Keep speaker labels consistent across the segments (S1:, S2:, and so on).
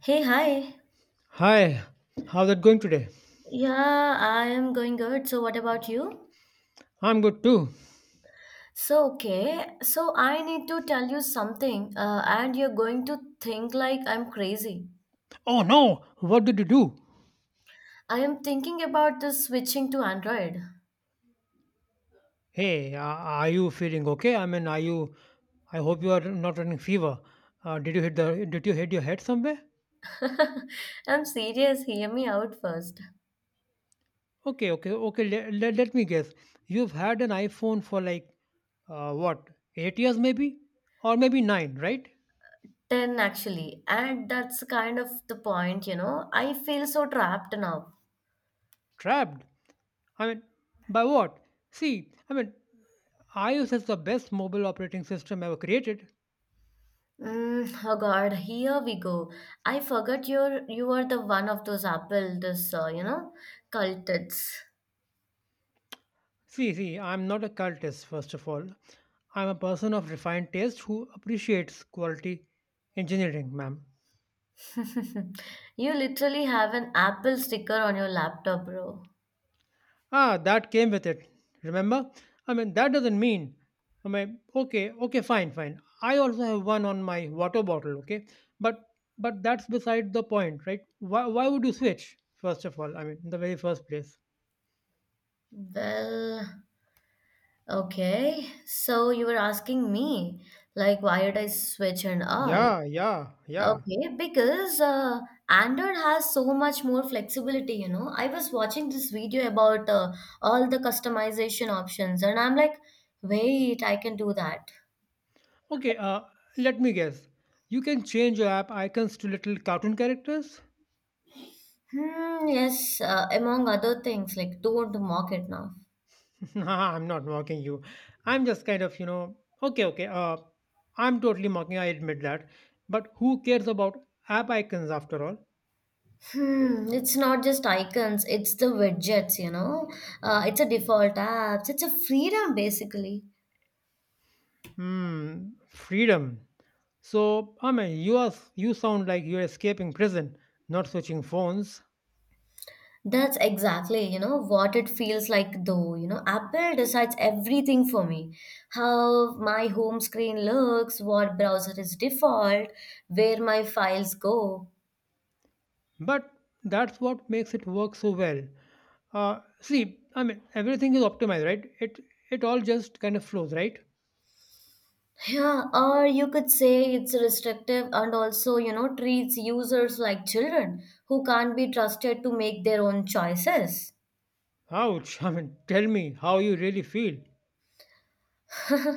S1: Hey, hi.
S2: Hi, how's that going today?
S1: Yeah, I am going good. So, what about you?
S2: I'm good too.
S1: I need to tell you something, and you're going to think like I'm crazy.
S2: Oh no, what did you do?
S1: I am thinking about this switching to Android.
S2: Hey, are you feeling okay? I mean, are you? I hope you are not running fever. Did you hit the? Did you hit your head somewhere?
S1: I'm serious. Hear me out first.
S2: Okay, okay, okay. Let me guess. You've had an iPhone for like what? 8 years maybe, or maybe 9, right?
S1: 10 actually. And that's kind of the point, you know. I feel so trapped now.
S2: Trapped. I mean, by what? See, I mean, iOS is the best mobile operating system ever created.
S1: Oh God, here we go. I forgot you are the one of those Apple, cultists.
S2: See, I'm not a cultist, first of all. I'm a person of refined taste who appreciates quality engineering, ma'am.
S1: You literally have an Apple sticker on your laptop, bro.
S2: Ah, that came with it. Remember? I mean, that doesn't mean. I mean, okay, okay, fine, fine. I also have one on my water bottle, okay? But that's beside the point, right? Why would you switch, first of all? I mean, in the very first place.
S1: Well, okay. So you were asking me, like, why did I switch and all?
S2: Yeah, yeah, yeah.
S1: Okay, because Android has so much more flexibility, you know. I was watching this video about all the customization options, and I'm like, wait, I can do that.
S2: Okay, let me guess. You can change your app icons to little cartoon characters?
S1: Yes, among other things, like, don't mock it now.
S2: I'm not mocking you. I'm just kind of, okay, okay. I'm totally mocking. I admit that. But who cares about app icons after all?
S1: It's not just icons, it's the widgets, you know. It's a default apps, it's a freedom basically.
S2: Hmm, freedom. So, I mean, you sound like you're escaping prison, not switching phones.
S1: That's exactly, you know, what it feels like though, you know. Apple decides everything for me. How my home screen looks, what browser is default, where my files go.
S2: But that's what makes it work so well. See, I mean, everything is optimized, right? It all just kind of flows, right?
S1: Yeah, or you could say it's restrictive and also, you know, treats users like children who can't be trusted to make their own choices.
S2: Ouch! I mean, tell me how you really feel.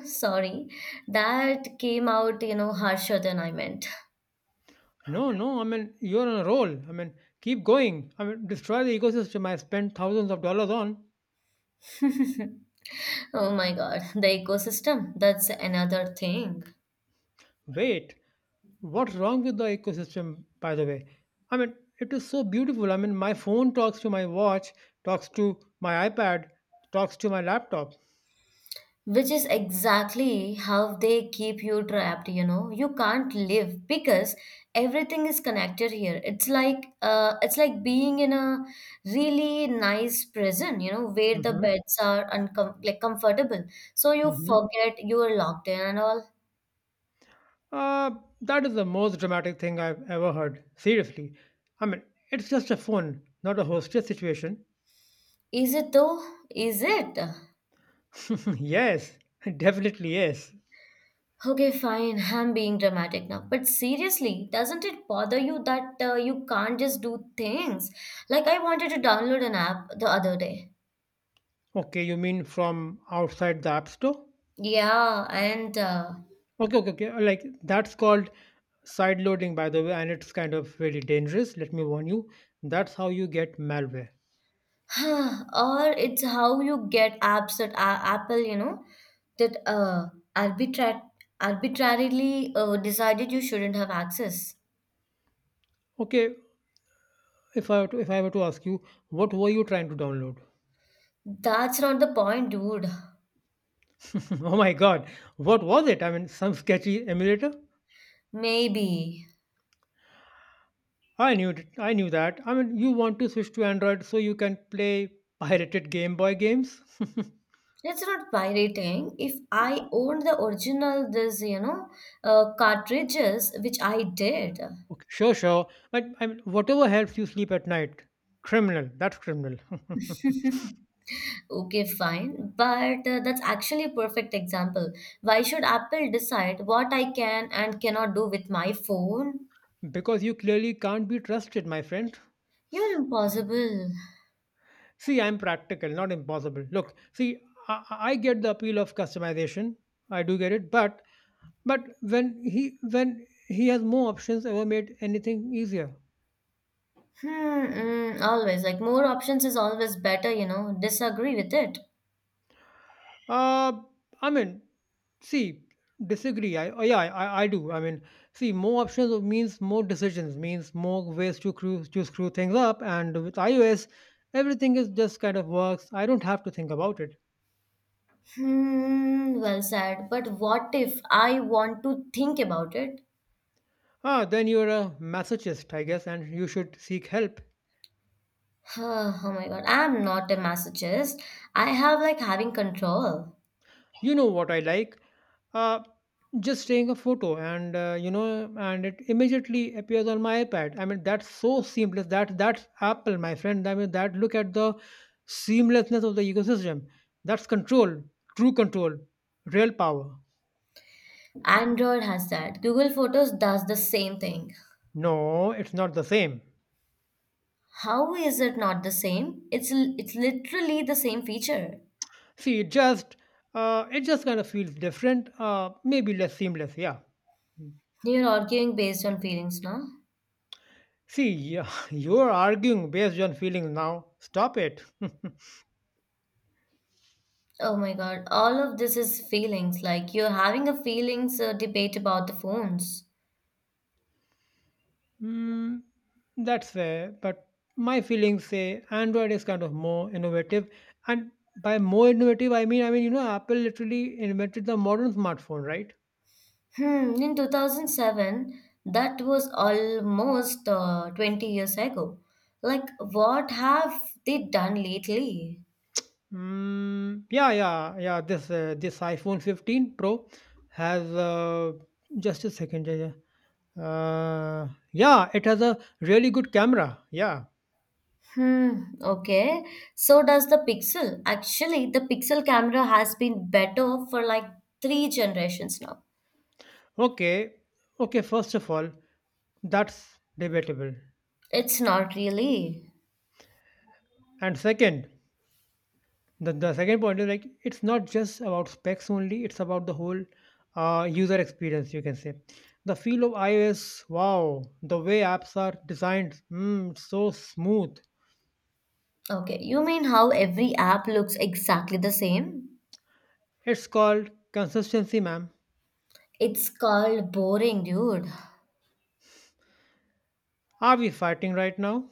S1: Sorry, that came out, you know, harsher than I meant.
S2: No, no. I mean, you're on a roll. I mean, keep going. I mean, destroy the ecosystem I spent thousands of dollars on.
S1: Oh my God, the ecosystem, that's another thing.
S2: Wait, what's wrong with the ecosystem, by the way? I mean, it is so beautiful. I mean, my phone talks to my watch, talks to my iPad, talks to my laptop.
S1: Which is exactly how they keep you trapped, you know. You can't live because everything is connected here. It's like being in a really nice prison, you know, where the
S2: Mm-hmm.
S1: beds are like comfortable. So you
S2: Mm-hmm.
S1: forget you are locked in and all.
S2: Uh, that is the most dramatic thing I've ever heard. Seriously. I mean, it's just a phone, not a hostess situation.
S1: Is it though? Is it?
S2: Yes, definitely yes.
S1: Okay, fine. I'm being dramatic now. But seriously, doesn't it bother you that you can't just do things? Like, I wanted to download an app the other day.
S2: Okay, you mean from outside the app store?
S1: Yeah, and
S2: Okay, okay, okay. Like that's called side loading, by the way, and it's kind of really dangerous. Let me warn you. That's how you get malware.
S1: or it's how you get apps Apple, you know, that arbitra- arbitrarily decided you shouldn't have access.
S2: Okay, if I were to ask you, what were you trying to download?
S1: That's not the point, dude.
S2: Oh my God, what was it? I mean, some sketchy emulator?
S1: Maybe.
S2: I knew it. I knew that. I mean, you want to switch to Android so you can play pirated Game Boy games?
S1: It's not pirating. If I owned the original, this, you know, cartridges, which I did.
S2: Okay, sure, sure. But I mean, whatever helps you sleep at night, criminal. That's criminal.
S1: Okay, fine. But that's actually a perfect example. Why should Apple decide what I can and cannot do with my phone?
S2: Because you clearly can't be trusted, my friend.
S1: You're impossible.
S2: See, I'm practical, not impossible. Look, see, I get the appeal of customization. I do get it, but when he has more options, ever made anything easier?
S1: Always. Like, more options is always better, you know. Disagree with it.
S2: Uh, I mean, see, disagree. Oh, yeah, I do. I mean, see, more options means more decisions, means more ways to screw things up. And with iOS, everything is just kind of works. I don't have to think about it.
S1: Well said. But what if I want to think about it?
S2: Ah, then you're a masochist, I guess, and you should seek help.
S1: Oh my God, I'm not a masochist. I have like having control.
S2: You know what I like? Uh, just taking a photo and and it immediately appears on my iPad. I mean that's so seamless. That's Apple, my friend. I mean that look at the seamlessness of the ecosystem. That's control, true control, real power.
S1: Android has that. Google Photos does the same thing.
S2: No, it's not the same.
S1: How is it not the same? It's literally the same feature.
S2: See, it just kind of feels different. Maybe less seamless. Yeah.
S1: You're arguing based on feelings, no?
S2: See, yeah, you're arguing based on feelings now. Stop it.
S1: Oh my God, all of this is feelings. Like you're having a feelings debate about the phones.
S2: Mm, that's fair, but my feelings say Android is kind of more innovative, and by more innovative, I mean you know Apple literally invented the modern smartphone, right?
S1: In 2007, that was almost 20 years ago. Like, what have they done lately?
S2: Mm, yeah, yeah, yeah. This iPhone 15 Pro has just a second. Yeah, yeah. Yeah, it has a really good camera. Yeah.
S1: Hmm, okay. So does the Pixel. Actually, the Pixel camera has been better for like 3 generations now.
S2: Okay. Okay. First of all, that's debatable,
S1: It's not really.
S2: and second, the second point is like it's not just about specs only, it's about the whole user experience, you can say. The feel of iOS, wow, the way apps are designed, mm, it's so smooth.
S1: Okay, you mean how every app looks exactly the same?
S2: It's called consistency, ma'am.
S1: It's called boring, dude.
S2: Are we fighting right now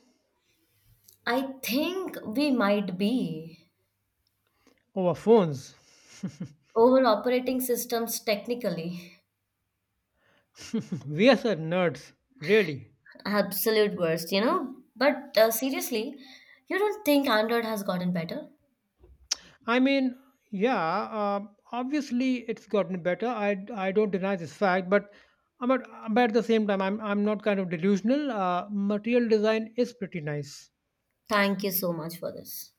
S1: I think we might be
S2: over phones?
S1: over operating systems technically.
S2: We are such nerds, really.
S1: Absolute worst, you know? But seriously, you don't think Android has gotten better?
S2: I mean, yeah, obviously it's gotten better. I don't deny this fact, but but at the same time, I'm not kind of delusional. Material design is pretty nice,
S1: Thank you so much for this.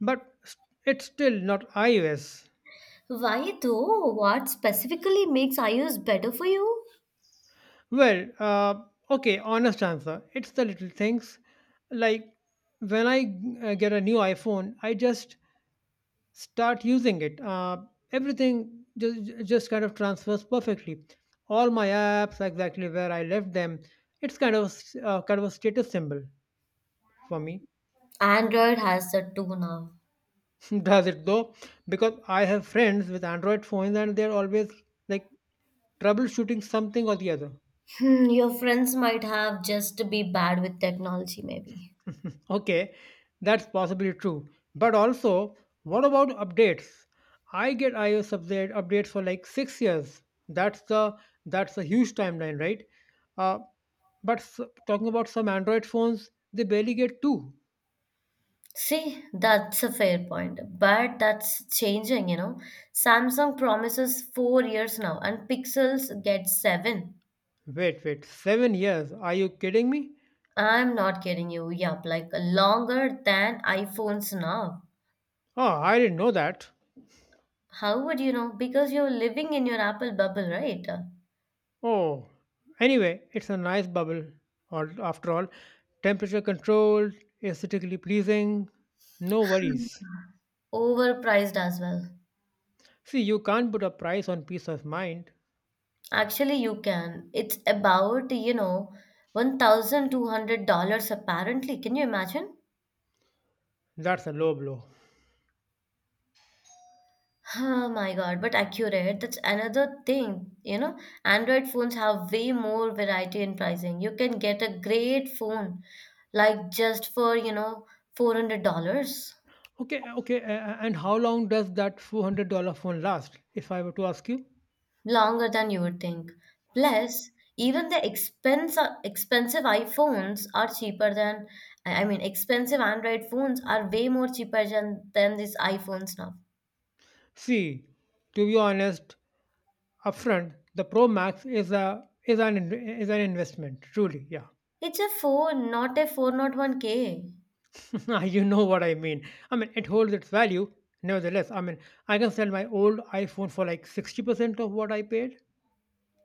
S2: but it's still not iOS.
S1: Why though? What specifically makes iOS better for you?
S2: Well, okay, honest answer. It's the little things, like when I get a new iPhone, I just start using it. Everything just kind of transfers perfectly. All my apps, exactly where I left them. It's kind of a status symbol for me.
S1: Android has that too now.
S2: Does it though? Because I have friends with Android phones and they're always like troubleshooting something or the other.
S1: Your friends might have just to be bad with technology, maybe.
S2: Okay, that's possibly true. But also, what about updates? I get iOS updates for like 6 years. That's the that's a huge timeline, right? Uh, But s- talking about some Android phones, they barely get 2.
S1: See, that's a fair point, but that's changing, you know. Samsung promises 4 years now, and Pixels get 7.
S2: Wait, wait, 7 years? Are you kidding me?
S1: I'm not kidding you. Yup, like longer than iPhones now.
S2: Oh, I didn't know that.
S1: How would you know? Because you're living in your Apple bubble, right?
S2: Oh, anyway, it's a nice bubble. Or after all, temperature controlled, aesthetically pleasing, no worries.
S1: Overpriced as well.
S2: See, you can't put a price on peace of mind.
S1: Actually, you can. It's about, you know, $1,200 apparently. Can you imagine?
S2: That's a low blow.
S1: Oh my God, but accurate. That's another thing, you know. Android phones have way more variety in pricing. You can get a great phone like just for, you know, $400.
S2: Okay, okay, and how long does that $400 phone last, if I were to ask you?
S1: Longer than you would think. Plus, even expensive iPhones are cheaper than, I mean, expensive Android phones are way more cheaper than these iPhones now.
S2: See, to be honest, upfront the Pro Max is a is an investment, truly. Yeah.
S1: It's a phone, not a 401k.
S2: You know what I mean? I mean, it holds its value nevertheless. I mean, I can sell my old iPhone for like 60% of what I paid.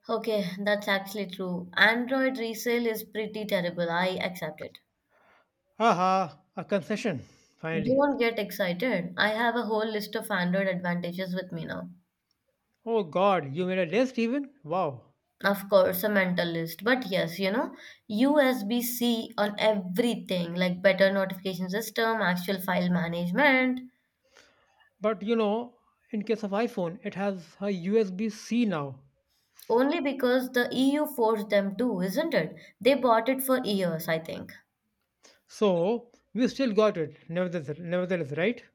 S1: Okay, that's actually true. Android resale is pretty terrible. I accept it.
S2: Haha, a concession, finally.
S1: Don't get excited. I have a whole list of Android advantages with me now.
S2: Oh God, you made a list even. Wow.
S1: Of course, a mentalist. But yes, you know, USB-C on everything, like better notification system, actual file management,
S2: But you know, in case of iPhone, it has a USB-C now,
S1: only because the EU forced them to, isn't it? They bought it for years, I think.
S2: so we still got it nevertheless, nevertheless, right?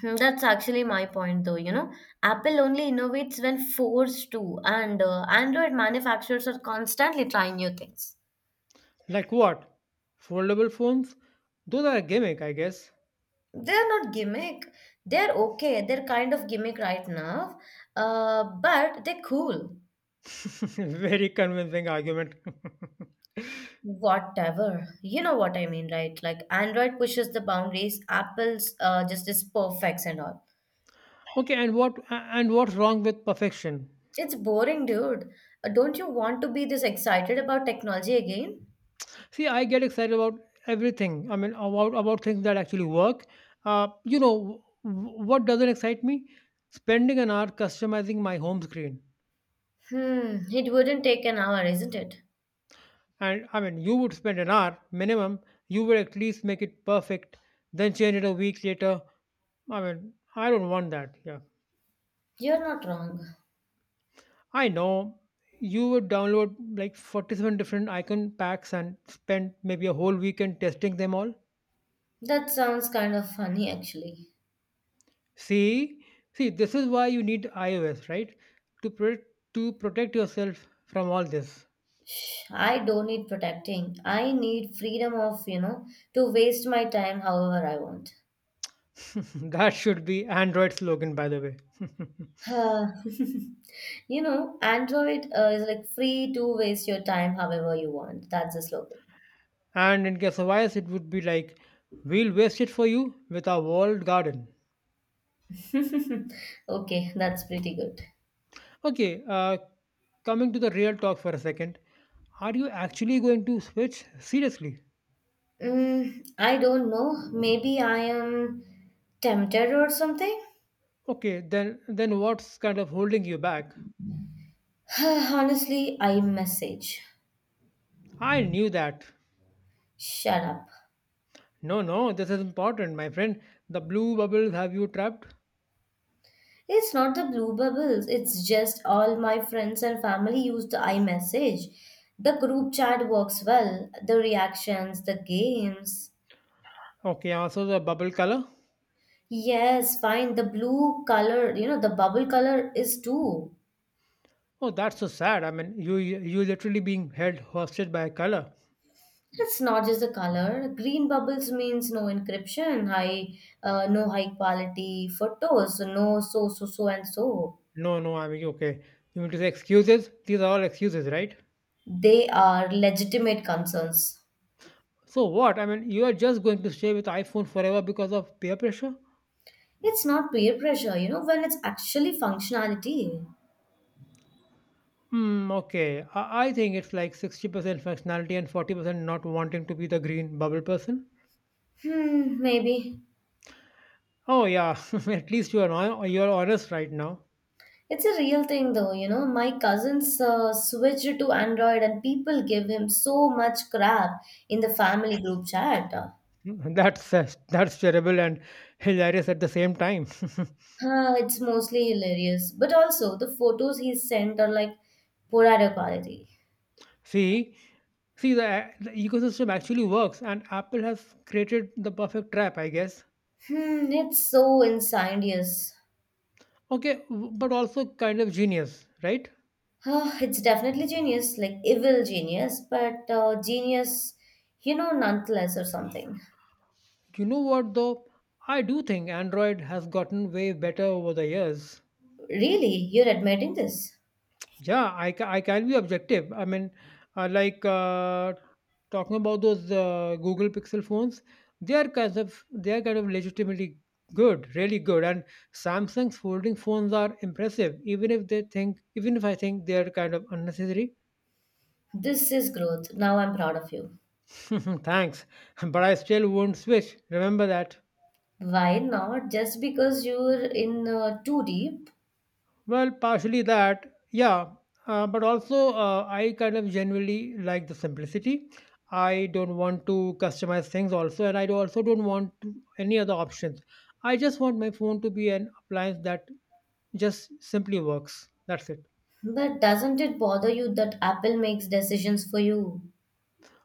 S1: Hmm, that's actually my point, though, you know. Apple only innovates when forced to, and Android manufacturers are constantly trying new things.
S2: Like what, foldable phones? Those are a gimmick, I guess.
S1: They're not gimmick. They're okay. They're kind of gimmick right now, but they're cool.
S2: Very convincing argument.
S1: Whatever. You know what I mean, right? Like Android pushes the boundaries, Apple's just is perfects and all.
S2: Okay, and what's wrong with perfection?
S1: It's boring, dude. Don't you want to be this excited about technology again?
S2: See, I get excited about everything. I mean, about things that actually work. You know, what doesn't excite me? Spending an hour customizing my home screen.
S1: It wouldn't take an hour, isn't it?
S2: And I mean, you would spend an hour minimum. You would at least make it perfect, then change it a week later. I mean, I don't want that. Yeah.
S1: You're not wrong.
S2: I know you would download like 47 different icon packs and spend maybe a whole weekend testing them all.
S1: That sounds kind of funny, actually.
S2: See, see, this is why you need iOS, right? To pro- to protect yourself from all this.
S1: I don't need protecting. I need freedom of, you know, to waste my time however I want.
S2: That should be Android slogan, by the way.
S1: Huh. You know, Android is like free to waste your time however you want. That's the slogan.
S2: And in case of iOS, it would be like, "We'll waste it for you with our walled garden."
S1: Okay, that's pretty good.
S2: Okay, coming to the real talk for a second. Are you actually going to switch, seriously?
S1: Mm, I don't know. Maybe I am tempted or something.
S2: Okay, then what's kind of holding you back?
S1: Honestly, I message.
S2: I knew that.
S1: Shut up.
S2: No, no, this is important, my friend. The blue bubbles have you trapped?
S1: It's not the blue bubbles. It's just all my friends and family use the iMessage. The group chat works well. The reactions, the games.
S2: Okay, also the bubble color.
S1: Yes, fine. The blue color, you know, the bubble color is two.
S2: Oh, that's so sad. I mean, you literally being held hostage by a color.
S1: It's not just the color. Green bubbles means no encryption, no high quality photos, no so so so and so.
S2: No, no, I mean, okay. You mean to say excuses? These are all excuses, right?
S1: They are legitimate concerns.
S2: So what? I mean, you are just going to stay with iPhone forever because of peer pressure?
S1: It's not peer pressure, you know, when it's actually functionality.
S2: Hmm, okay. I think it's like 60% functionality and 40% not wanting to be the green bubble person.
S1: Hmm, maybe.
S2: Oh yeah, at least you are honest right now.
S1: It's a real thing though, you know. My cousins switched to Android and people give him so much crap in the family group chat.
S2: That's terrible and hilarious at the same time.
S1: It's mostly hilarious. But also, the photos he sent are like Purada quality.
S2: See, the ecosystem actually works, and Apple has created the perfect trap, I guess.
S1: It's so insidious.
S2: Okay, but also kind of genius, right?
S1: It's definitely genius, like evil genius, but genius, you know, nonetheless, or something.
S2: You know what though? I do think Android has gotten way better over the years.
S1: Really, you're admitting this?
S2: Yeah, I can be objective. I mean, uh, like uh, talking about those Google Pixel phones, they are kind of legitimately good, really good. And Samsung's folding phones are impressive, even if I think they are kind of unnecessary.
S1: This is growth. Now I'm proud of you.
S2: Thanks, but I still won't switch. Remember that.
S1: Why not? Just because you're in too deep.
S2: Well, partially that, yeah, but also I kind of genuinely like the simplicity. I don't want to customize things also, and also don't want to, any other options. I just want my phone to be an appliance that just simply works. That's it.
S1: But doesn't it bother you that Apple makes decisions for you?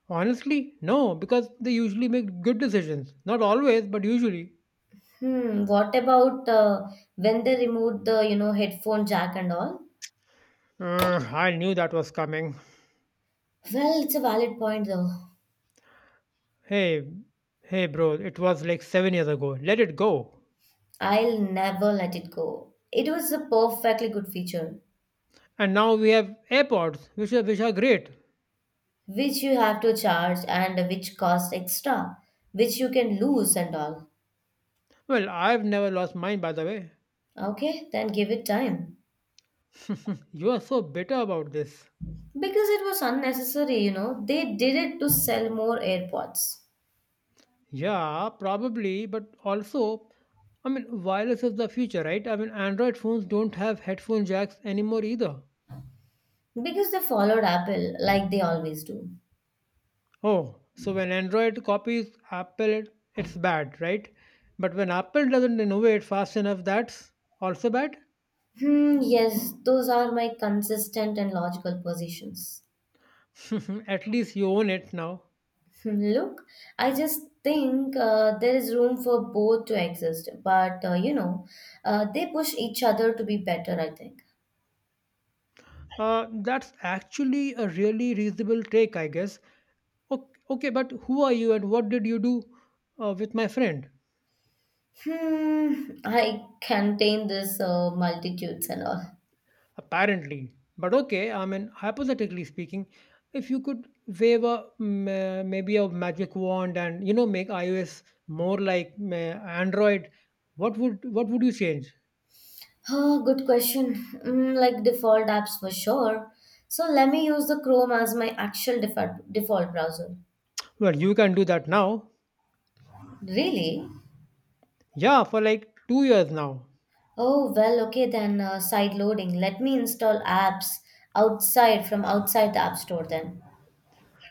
S2: Honestly, no, because they usually make good decisions. Not always, but usually.
S1: What about when they removed the, you know, headphone jack and all?
S2: I knew that was coming.
S1: Well, it's a valid point though.
S2: Hey, hey, bro, it was like 7 years ago. Let it go.
S1: I'll never let it go. It was a perfectly good feature,
S2: And now we have AirPods, which are great.
S1: which you have to charge and which costs extra, which you can lose and all.
S2: Well, I've never lost mine, by the way.
S1: Okay, then give it time.
S2: You are so bitter about this.
S1: Because it was unnecessary, you know, they did it to sell more AirPods.
S2: Yeah, probably, but also, I mean, wireless is the future, right? I mean, Android phones don't have headphone jacks anymore either.
S1: Because they followed Apple like they always do.
S2: Oh, so when Android copies Apple, it's bad, right? But when Apple doesn't innovate fast enough, that's also bad?
S1: Yes, those are my consistent and logical positions.
S2: At least you own it now.
S1: Hmm, look, I just think there is room for both to exist, but you know, they push each other to be better, I think.
S2: That's actually a really reasonable take, I guess. Okay, okay, but who are you and what did you do with my friend?
S1: I contain this multitudes and all.
S2: Apparently. But okay, I mean, hypothetically speaking, if you could wave a maybe a magic wand and make iOS more like Android, what would you change?
S1: Oh, good question. Mm, like default apps for sure. So let me use the Chrome as my actual default default browser.
S2: Well, you can do that now.
S1: Really?
S2: Yeah, for like two years now.
S1: Oh, well, okay then, side loading. Let me install apps outside from outside the App Store then.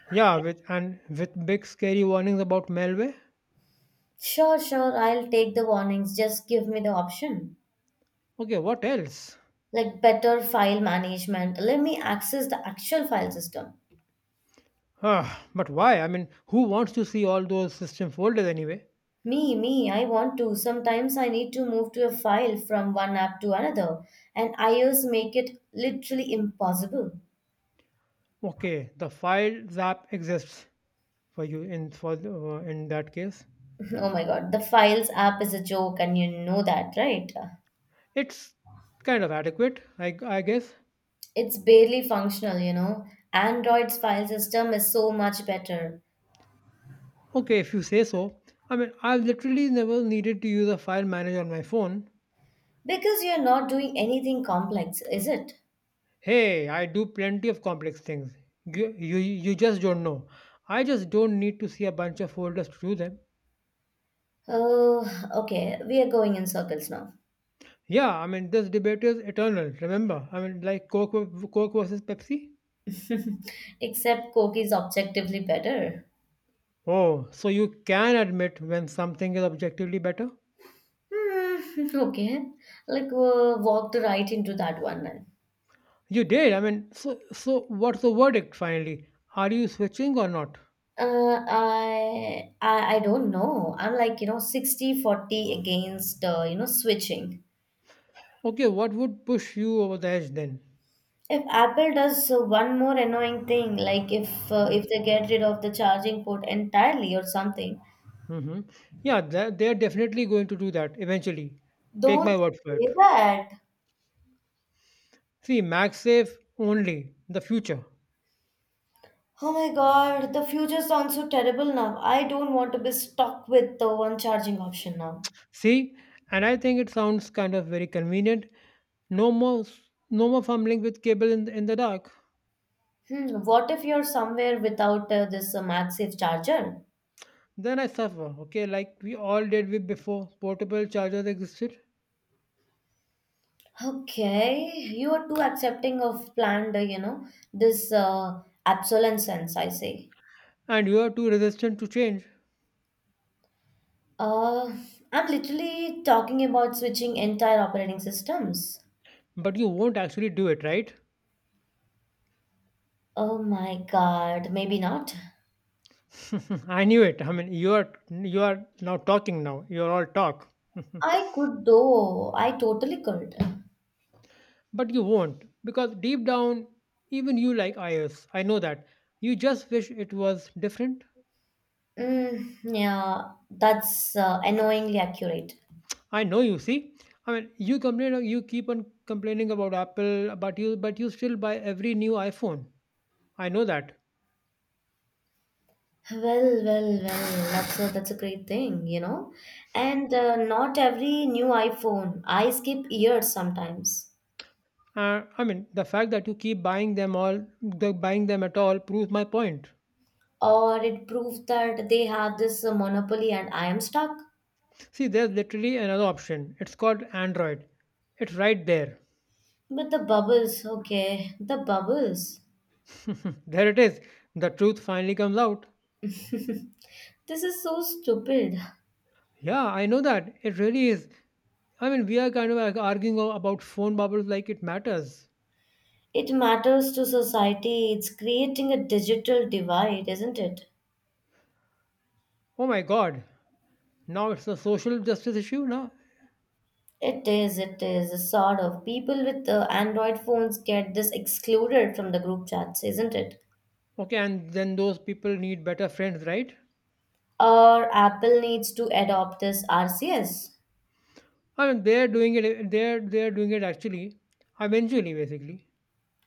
S2: Yeah, with big scary warnings about malware.
S1: Sure, sure, I'll take the warnings. Just give me the option.
S2: Okay, what else?
S1: Like better file management. Let me access the actual file system.
S2: Ah, but why? I mean, who wants to see all those system folders anyway?
S1: I want to. Sometimes I need to move to a file from one app to another, and iOS make it literally impossible.
S2: Okay, the file zap exists for you in that case.
S1: Oh my God, the files app is a joke, and you know that, right?
S2: It's kind of adequate, I guess.
S1: It's barely functional, you know. Android's file system is so much better
S2: Okay, if you say so. I mean, I've literally never needed to use a file manager on my phone.
S1: because you're not doing anything complex, is it?
S2: Hey, I do plenty of complex things. You just don't know. I just don't need to see a bunch of folders to do them.
S1: Oh, okay. We are going in circles now.
S2: Yeah, I mean, this debate is eternal, remember? I mean, like Coke versus Pepsi?
S1: Except Coke is objectively better.
S2: Oh, so you can admit when something is objectively better?
S1: Okay. Like walked right into that one then.
S2: You did. I mean, so what's the verdict finally? Are you switching or not?
S1: I don't know. I'm like, you know, 60-40 against you know, switching.
S2: Okay, what would push you over the edge then?
S1: If Apple does one more annoying thing, like if they get rid of the charging port entirely or something,
S2: Hmm. Yeah, they're definitely going to do that eventually. Take my
S1: don't
S2: word for it.
S1: say that.
S2: See, MagSafe only, the future.
S1: Oh my God, the future sounds so terrible now. I don't want to be stuck with the one charging option now.
S2: See, and I think it sounds kind of very convenient. No more, no more fumbling with cable in the dark.
S1: What if you're somewhere without this MagSafe charger?
S2: Then I suffer, okay, like we all did with before portable chargers existed,
S1: Okay, you are too accepting of planned, you know, this obsolescence, I say.
S2: and you are too resistant to change,
S1: Uh, I'm literally talking about switching entire operating systems.
S2: but you won't actually do it, right?
S1: Oh my God, maybe not.
S2: I knew it. I mean, you are now talking now. You are all talk,
S1: I could though, I totally could.
S2: but you won't because deep down, even you like iOS. I know that. You just wish it was different.
S1: Mm, yeah, that's annoyingly accurate.
S2: I know you see. I mean, you complain. You keep on complaining about Apple, but you still buy every new iPhone. I know that.
S1: Well, that's that's a great thing, you know. And not every new iPhone, I skip years sometimes.
S2: I mean, the fact that you keep buying them buying them at all, proves my point.
S1: Or it proves that they have this monopoly and I am stuck.
S2: See, there's literally another option. It's called Android. It's right there.
S1: But the bubbles, okay, the bubbles.
S2: There it is. The truth finally comes out.
S1: This is so stupid.
S2: Yeah, I know that. It really is. I mean, we are kind of like arguing about phone bubbles like it matters.
S1: It matters to society. It's creating a digital divide, isn't it?
S2: Oh my god. Now it's a social justice issue now.
S1: It is a sort of people with Android phones get this excluded from the group chats, isn't it?
S2: Okay, and then those people need better friends, right?
S1: Or Apple needs to adopt this RCS
S2: I mean, they're doing it. They're doing it actually, eventually, basically.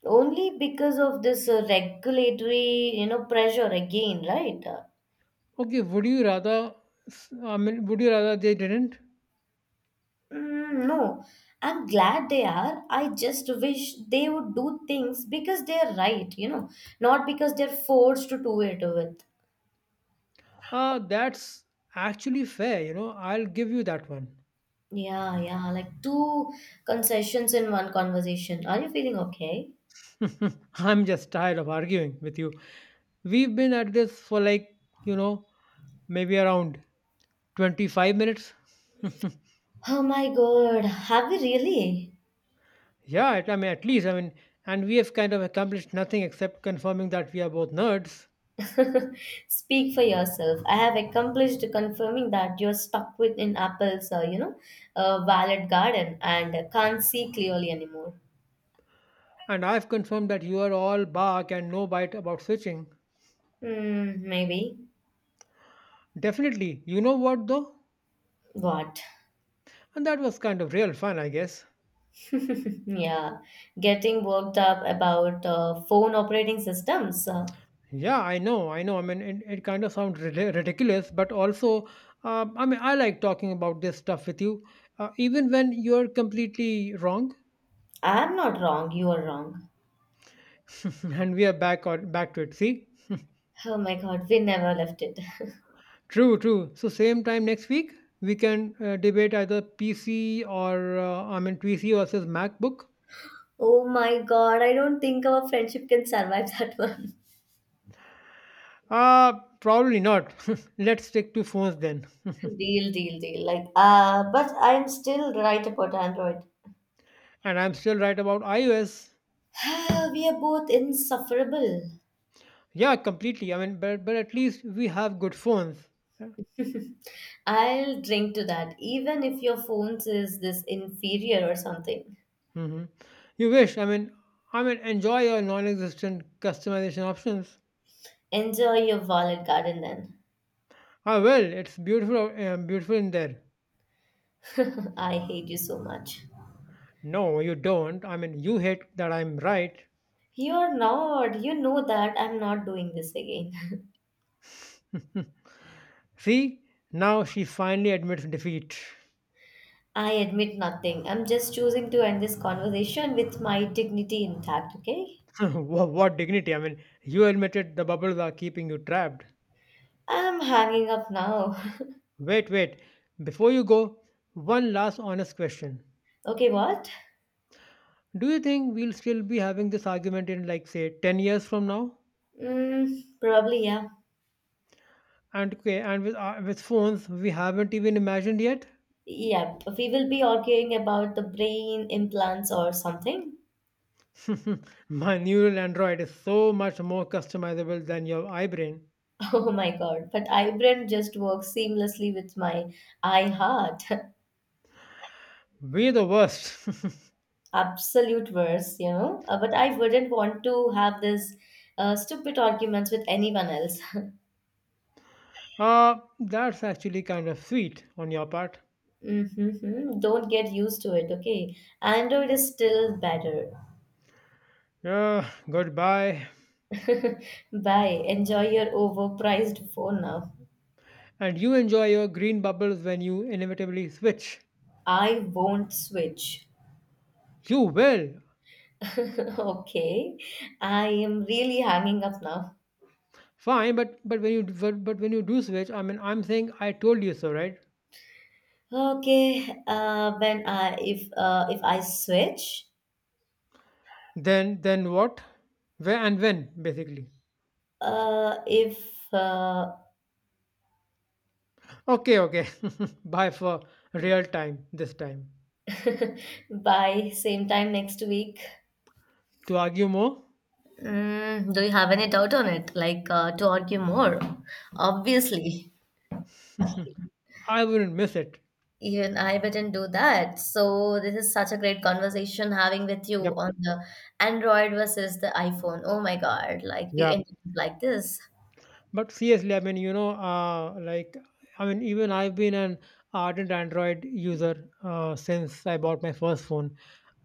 S1: only because of this regulatory, you know, pressure again, right?
S2: Okay, would you rather? I mean, would you rather they didn't?
S1: Mm, no, I'm glad they are. I just wish they would do things because they're right, you know, not because they're forced to do it with.
S2: That's actually fair, you know. I'll give you that one.
S1: Yeah, like two concessions in one conversation. Are you feeling okay?
S2: I'm just tired of arguing with you. We've been at this for like, you know, maybe around 25 minutes.
S1: Oh my God, have you really?
S2: Yeah, I mean, at least, I mean, and we have kind of accomplished nothing except confirming that we are both nerds.
S1: Speak for yourself. I have accomplished confirming that you're stuck within Apple's, valid garden and can't see clearly anymore.
S2: And I've confirmed that you are all bark and no bite about switching.
S1: Hmm, maybe.
S2: Definitely. You know what, though?
S1: What?
S2: And that was kind of real fun, I guess.
S1: Yeah, getting worked up about phone operating systems.
S2: Yeah, I know. I mean, it kind of sounds ridiculous, but also, I mean, I like talking about this stuff with you, even when you're completely wrong.
S1: I'm not wrong, you are wrong.
S2: And we are back to it. See,
S1: Oh my God, we never left it.
S2: true. So same time next week, we can debate either PC or uh, I mean PC versus MacBook.
S1: Oh my God, I don't think our friendship can survive that one.
S2: Uh Probably not. Let's stick to phones then.
S1: Deal. Like, but I'm still right about Android.
S2: And I'm still right about iOS.
S1: We are both insufferable.
S2: Yeah, completely. I mean, but at least we have good phones. Yeah.
S1: I'll drink to that, even if your phone says this inferior or something.
S2: Hmm. You wish. I mean, enjoy your non-existent customization options.
S1: Enjoy your wallet garden then.
S2: Ah, well, it's beautiful in there.
S1: I hate you so much.
S2: No, you don't. I mean, you hate that I'm right.
S1: You're not. You know that I'm not doing this again.
S2: Hmm. See, now she finally admits defeat.
S1: I admit nothing. I'm just choosing to end this conversation with my dignity intact, okay?
S2: What dignity? I mean, you admitted the bubbles are keeping you trapped.
S1: I'm hanging up now.
S2: Wait. Before you go, one last honest question.
S1: Okay, what?
S2: Do you think we'll still be having this argument in like say 10 years from now?
S1: Mm, probably, yeah.
S2: And okay, and with phones we haven't even imagined yet?
S1: Yeah, we will be arguing about the brain implants or something.
S2: My neural android is so much more customizable than your iBrain.
S1: Oh my God, but iBrain just works seamlessly with my iHeart.
S2: We're the worst.
S1: Absolute worst, you know. But I wouldn't want to have this stupid arguments with anyone else.
S2: That's actually kind of sweet on your part.
S1: Mm-hmm. Don't get used to it, okay? Android is still better.
S2: Yeah, goodbye.
S1: Bye. Enjoy your overpriced phone now.
S2: And you enjoy your green bubbles when you inevitably switch.
S1: I won't switch.
S2: You will.
S1: Okay, I am really hanging up now.
S2: Fine, but when you do switch, I mean, I'm saying I told you so, right?
S1: Okay, when I if I switch,
S2: Then what? Where and when basically.
S1: if
S2: Okay. Bye for real time this time.
S1: by same time next week.
S2: To argue more,
S1: Mm, do you have any doubt on it? Like to argue more? Obviously,
S2: I wouldn't miss it.
S1: even I didn't do that. So this is such a great conversation having with you
S2: Yep.
S1: on the Android versus the iPhone. Oh my God! Like we
S2: Yeah.
S1: ended up like this.
S2: But seriously, I mean, I mean, even I've been an ardent Android user since I bought my first phone.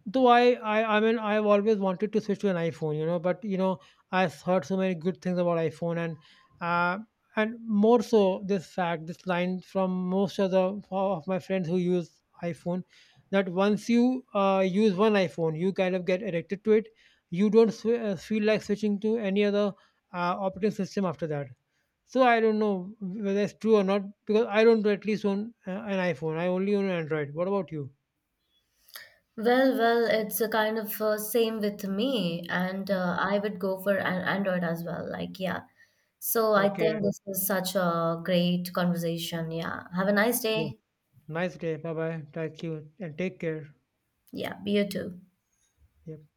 S2: Though I mean, I've always wanted to switch to an iPhone, but you know, I've heard so many good things about iPhone, uh, and more so this fact, this line from most of my friends who use iPhone, that once you use one iPhone, you kind of get addicted to it. You don't feel like switching to any other operating system after that. So I don't know whether that's true or not because I don't at least own an iPhone. I only own Android. What about you?
S1: Well, it's a kind of same with me, and I would go for an Android as well. Like, yeah. So I
S2: Okay.
S1: think this is such a great conversation. Yeah. Have a nice day.
S2: Nice day. Bye bye. Thank you and take care.
S1: Yeah. Be you too.
S2: Yep.